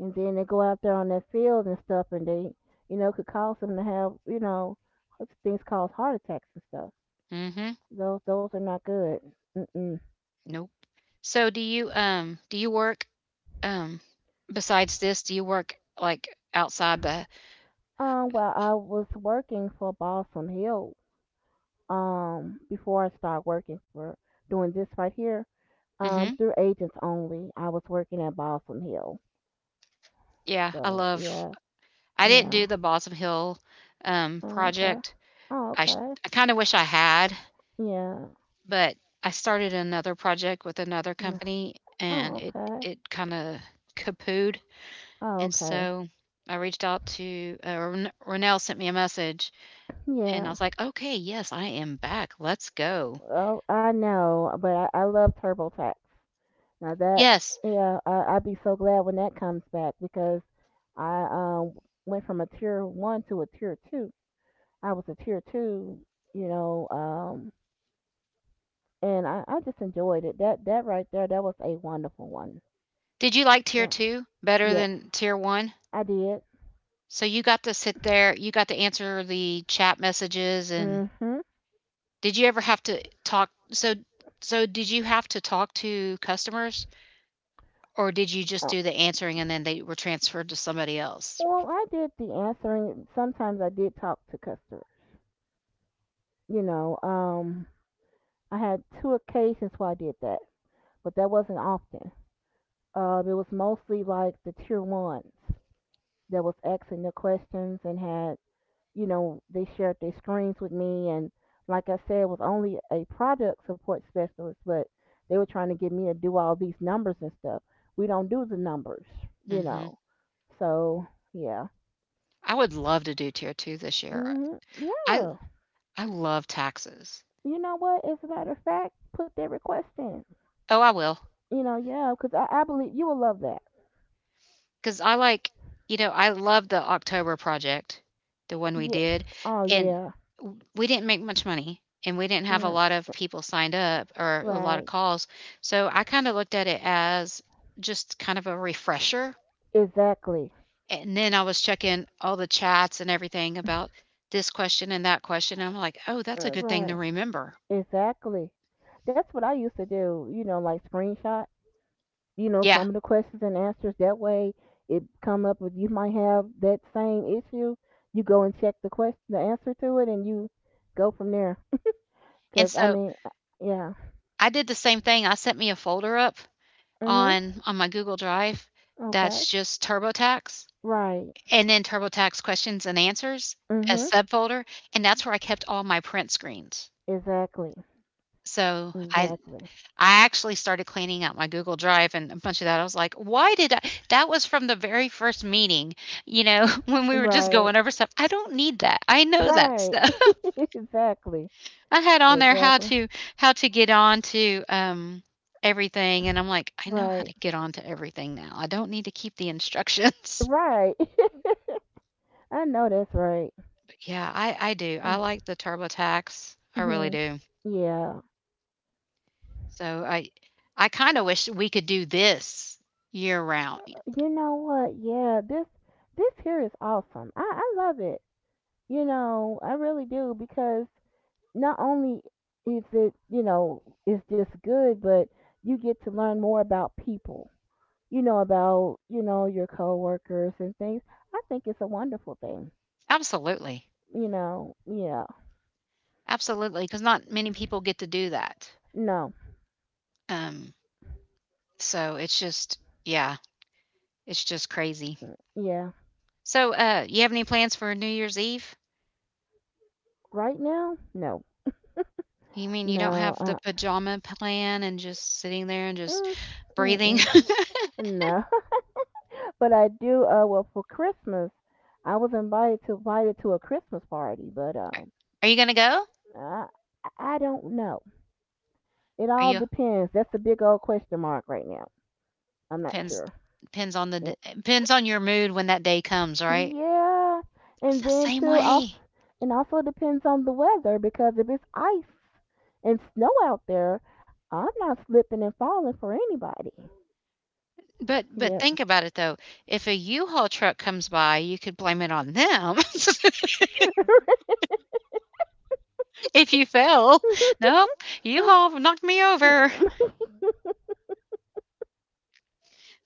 And then they go out there on that field and stuff, and they, you know, could cause them to have, you know, things cause heart attacks and stuff. Mhm. Those are not good. Mm-mm. Nope. So do you work, um besides this, do you work, like, outside the Well, I was working for Balsam Hill before I started working for doing this right here. Mhm. Through agents only. I was working at Balsam Hill. Yeah, I So love yeah, I didn't yeah. do the Balsam Hill, Oh, okay. project. Oh, I sh okay. I kinda wish I had, Yeah. but I started another project with another Uh, company, and oh, it okay. it kinda kaput, Oh, and okay. so I reached out to, Ren Ronell sent me a message and I Yeah. was like, "Okay, yes, I am back. Let's go." Oh, I know, but I love TurboTax. Now that Yes. yeah, I'd be so glad when that comes back because I went from a tier one to a tier two. I was a tier two, you know, and I just enjoyed it. That right there, that was a wonderful one. Did you like tier So 2 better yes, than tier 1? I did. So you got to sit there, you got to answer the chat messages and Mm-hmm. did you ever have to talk so did you have to talk to customers or did you just Uh, do the answering and then they were transferred to somebody else? well, I did the answering. Sometimes I did talk to customers. You know, I had two occasions where I did that, but that wasn't often. It was mostly like the tier ones that was asking the questions and had, you know, they shared their screens with me. And like I said, it was only a product support specialist, but they were trying to get me to do all these numbers and stuff. We don't do the numbers, you Mhm. know. So yeah, I would love to do tier 2 this year. hmm I yeah. I love taxes. You know what? As a matter of fact, put that request in. Oh, I will. You know, yeah, because I believe you will love that. 'Cause I like you know, I love the October project, the one we Yeah. did, Oh and yeah. w we didn't make much money, and we didn't have a Mm, lot of people signed up or a lot right. of calls, so I kinda looked at it as just kind of a refresher, Exactly. and then I was checking all the chats and everything about this question and that question, and I'm like, "Oh, that's a good thing to Right. remember." Exactly. That's what I used to do, you know, like screenshot, you know, Yeah, some of the questions and answers. That way it come up with you might have that same issue. You go and check the question, the answer to it, and you go from there. and Cause I so mean, uh, yeah. I did the same thing, I sent me a folder up Mhm. On my Google Drive Okay. that's just TurboTax. Right. And then TurboTax questions and answers, as Mhm. subfolder, and that's where I kept all my print screens. Exactly. So I Exactly. I actually started cleaning out my Google Drive and a bunch of that. I was like, why did I that was from the very first meeting, when we were just Right. going over stuff. I don't need that. I know that Right. stuff. exactly. I had on there Exactly. How to get on to everything and I'm like, I know how Right. to get on to everything now. I don't need to keep the instructions. Right. I know that's right. But yeah, I do. I like the TurboTax. I really Mhm. do. Yeah. So I kind of wish we could do this year round. You know what? Yeah, this here is awesome. I love it. You know, I really do because not only is it, you know, it's just good, but you get to learn more about people. You know about, you know, your coworkers and things. I think it's a wonderful thing. Absolutely. You know, yeah. Absolutely, because not many people get to do that. No. Um, so it's just yeah, it's just crazy. Mm, yeah. So you have any plans for New Year's Eve? Right now? No. You mean you don't No. have the pajama plan and just sitting there and just Mm, breathing? mm-mm. No. But I do. Well, for Christmas, I was invited to a Christmas party, but Are are you gonna go? I I don't know. It Are all you depends. That's a big old question mark right now. I'm not depends sure. depends on the Yeah, depends on your mood when that day comes, right? yeah. I'm And the then same too, also, way. and also depends on the weather because if it's ice and snow out there, I'm not slipping and falling for anybody. But Yeah. think about it though, if a U-Haul truck comes by, you could blame it on them if you fell. "Nope, U-Haul knocked me over."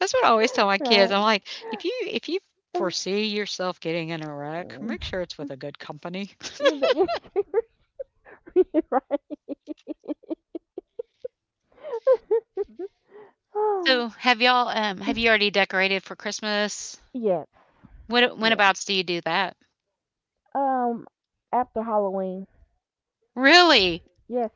That's what I always tell my kids. right. I'm like, "If you foresee yourself getting in a wreck, make sure it's with a good company." right. Oh, So, have y'all, have you already decorated for Christmas? yes, yeah. Whenabouts do you do that? Um, After Halloween. Really? Yes.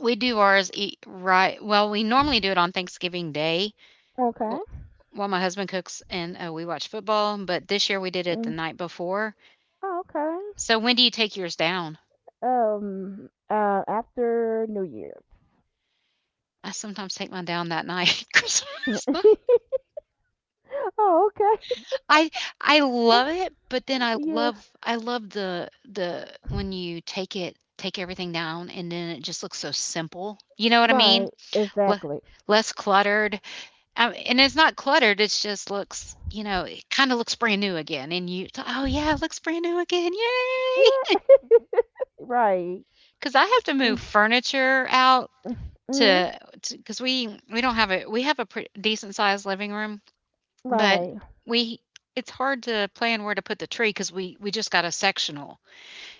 We do ours e right well, we normally do it on Thanksgiving Day, Okay. well, while my husband cooks and we watch football, but this year we did it the Mm. night before. Oh, okay. So when do you take yours down? After New Year's. I sometimes take mine down that night, Christmas night. oh, okay. I I love it, but then yeah. I love the when you take it take everything down and then it just looks so simple. You know what I Right. mean? Le- Exactly. Less cluttered, and it's not cluttered. It's just looks you know it kind of looks brand new again, and you oh yeah, it looks brand new again, yay! Yeah. right. 'Cause I have to move furniture out Mm-hmm. to cause we don't have a we have a pre decent sized living room, but Right. we it's hard to plan where to put the tree, cause we just got a sectional,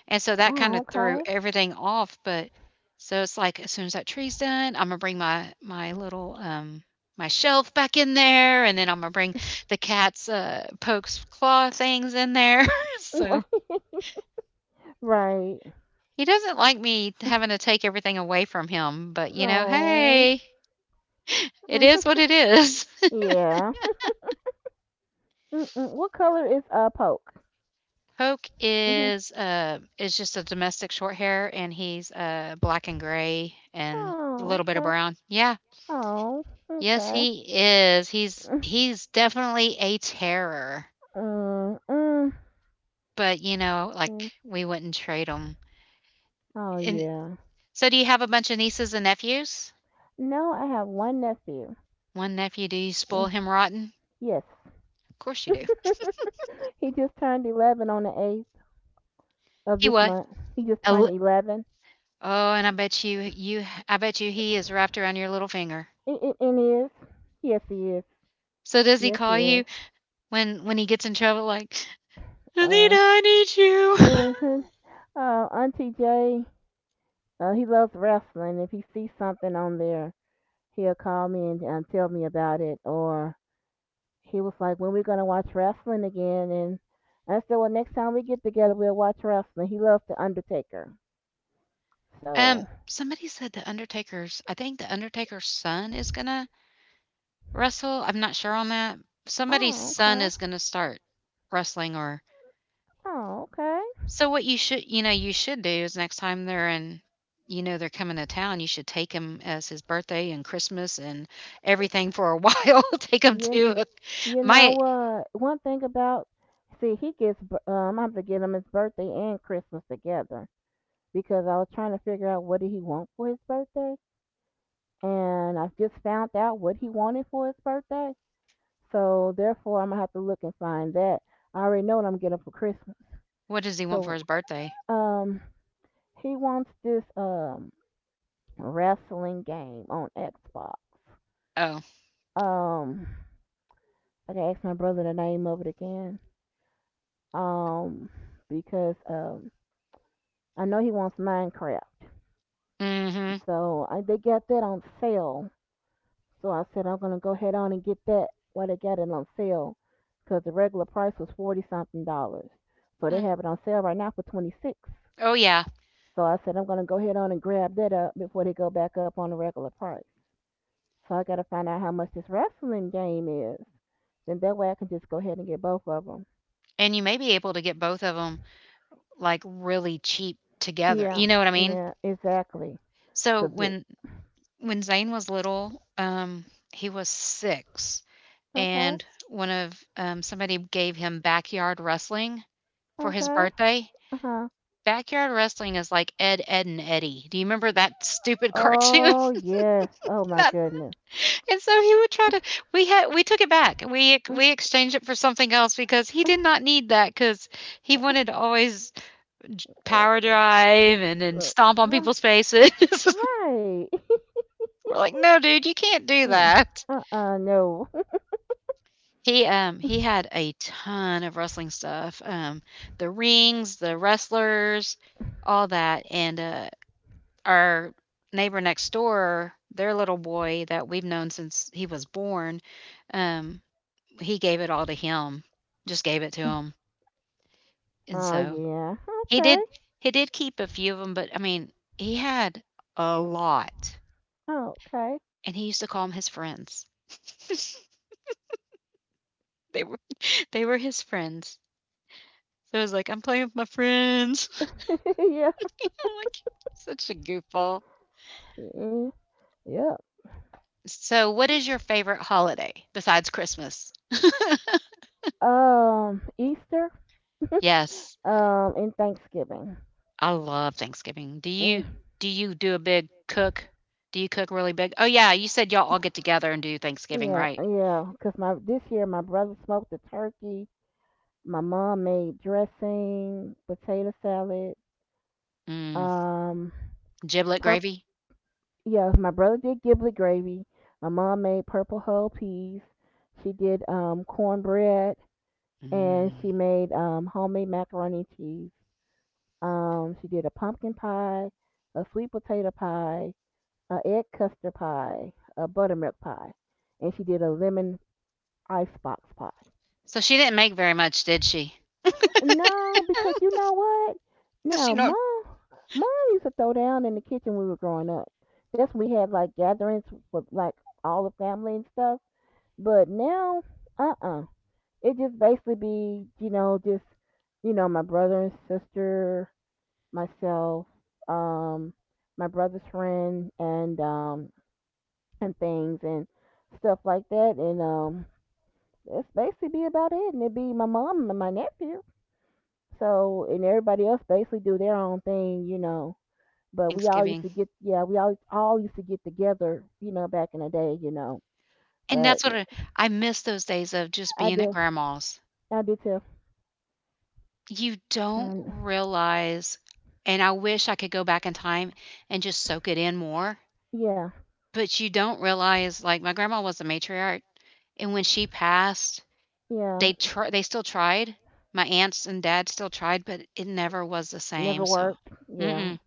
and so that Oh, kinda threw okay. everything off, but so it's like, as soon as that tree's done, Imma bring my little, my shelf back in there, and then Imma bring the cat's, Poke's claw things in there, so Right. Right. he doesn't like me having to take everything away from him, but, you know, Oh. hey. It is what it is. yeah. Mm-mm. What color is a poke? Poke Hmm is just a domestic short hair and he's black and gray and a Oh, little bit of okay. brown. Yeah. Oh, Yes, okay. he is. He's definitely a terror. Mm, mm, But you know, yeah. like we wouldn't trade him. Oh, And yeah. so do you have a bunch of nieces and nephews? No, I have one nephew. One nephew, do you spoil Mm, him rotten? yes. Of course you do. He just turned 11 on the 8th of He this what? month. He just A turned li- 11. Oh, and I bet you I bet you he is wrapped around your little finger. And, and he is. Yes, he is. So does he Yes, he call is. you when he gets in trouble, like Anita, Uh, I need you. mhm. Auntie Jay, he loves wrestling. If he sees something on there, he'll call me and tell me about it. Or he was like, "When are we gonna watch wrestling again?" And I said, "Well, next time we get together, we'll watch wrestling." He loves the Undertaker, Um, so somebody said the Undertaker's. I think the Undertaker's son is gonna wrestle. I'm not sure on that. Somebody's oh son okay, is gonna start wrestling, or oh okay. so. What you should, you know, you should do is next time they're in, you know, they're coming to town, you should take him as his birthday and Christmas and everything for a while. Take him You to a- you know my. what? One thing about see he gets I have to get him his birthday and Christmas together because I was trying to figure out what did he want for his birthday, and I've just found out what he wanted for his birthday. So therefore, I'm gonna have to look and find that. I already know what I'm getting for Christmas. What does he want for So his birthday? um He wants this wrestling game on Xbox. Oh, Um, I gotta ask my brother the name of it again. Um, because I know he wants Minecraft, mm-hmm. so I, they got that on sale. So I said I'm gonna go ahead on and get that while they got it on sale, because the regular price was 40 something dollars. So they Mm. have it on sale right now for 26. Oh yeah, So I said I'm gonna go ahead on and grab that up before they go back up on the regular price. So I gotta find out how much this wrestling game is. Then that way I can just go ahead and get both of them. and you may be able to get both of them like, really cheap together, Yeah, you know what I mean? yeah, exactly. So, Cause it. When Zane was little, he was 6, Okay, and one of somebody gave him Backyard Wrestling for his okay. birthday. Uh huh. Backyard Wrestling is like Ed, Ed and Eddie. Do you remember that stupid cartoon? Oh yes. Oh my That goodness. and so he would try to we had we took it back. We exchanged it for something else because he did not need that because he wanted to always Uh, power drive and then uh, stomp uh, on uh, people's faces. right. We're like, no, dude, you can't do that. Uh. No. He had a ton of wrestling stuff, the rings, the wrestlers, all that, and our neighbor next door, their little boy that we've known since he was born, um he gave it all to him, just gave it to him, and Oh so yeah. he Okay. did he did keep a few of them, but I mean he had a lot. Okay. And he used to call them his friends. They were they were his friends. So it was like, I'm playing with my friends. yeah. You know, like such a goofball. Yeah. Yeah. So what is your favorite holiday besides Christmas? Easter. Yes. Um. And Thanksgiving. I love Thanksgiving. Do Mm. you do you do a big cook? Do you cook really big? Oh yeah, you said y'all all get together and do Thanksgiving, Yeah, right? yeah. Cause my this year my brother smoked the turkey. My mom made dressing, potato salad. Mm. Um, Giblet Purple. gravy? Yeah, my brother did giblet gravy. My mom made purple hull peas. She did cornbread, and she Mm. made homemade macaroni and cheese. She did a pumpkin pie, a sweet potato pie, a egg custard pie, a buttermilk pie, and she did a lemon icebox pie. So she didn't make very much, did she? No, because you know what? Does she Now, know? mom used to throw down in the kitchen when we were growing up. That's when we had like gatherings with like all the family and stuff. But now, uh uh it just basically be, you know, just, you know, my brother and sister, myself, um, my brother's friend and things and stuff like that and that's basically be about it and it'd be my mom and my nephew. So That's and cool. everybody else basically do their own That's cool. I thing, you remember, know. you know, my But Thanksgiving. We all used to get together, you know, back in the day, you know. And But that's what I miss those days of just I being at do grandma's. I do too. You don't And realize and I wish I could go back in time and just soak it in more, yeah, but you don't realize, like, my grandma was the matriarch, and when she passed, yeah. They still tried. My aunts and dad still tried, but it never was the Never same, so worked. Yeah. mm-mm.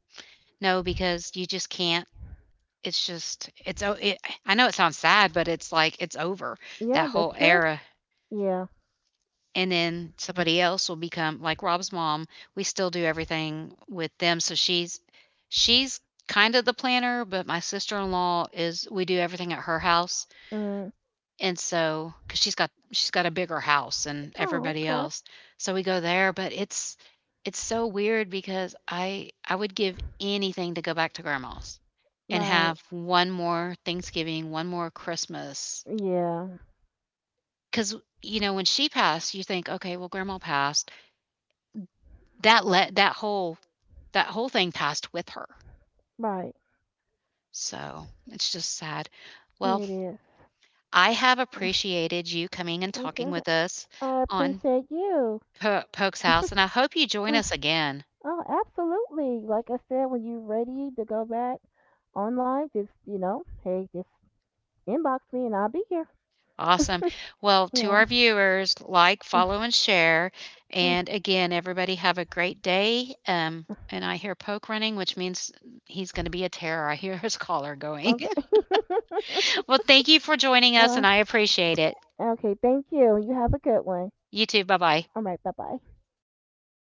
No, because you just can't. It's just it I know it sounds sad, but it's like, it's over, Yeah, that whole that's true. era. Yeah. And then somebody else will become like Rob's mom. We still do everything with them, so she's kind of the planner, but my sister-in-law is we do everything at her house. Mm. And so cuz she's got a bigger house than Oh, everybody okay. else. So we go there, but it's so weird because I would give anything to go back to grandma's and Right. have one more Thanksgiving, one more Christmas. Yeah. Cuz you know when she passed, you think, okay, well grandma passed that let that whole thing passed with her. Right. So, it's just sad. Well, It is. I have appreciated you coming and talking Okay. with us I on appreciate you. Po Poke's House, and I hope you join us again. Oh, absolutely. Like I said, when you're ready to go back online, just, you know, hey, just inbox me and I'll be here. Awesome. Well, to yeah. our viewers, like, follow, and share. And again, everybody have a great day. And I hear Poke running, which means he's gonna be a terror. I hear his collar going. Okay. Well, thank you for joining us, uh, and I appreciate it. okay. Thank you. You have a good one. You too. Bye-bye. All right. Bye bye.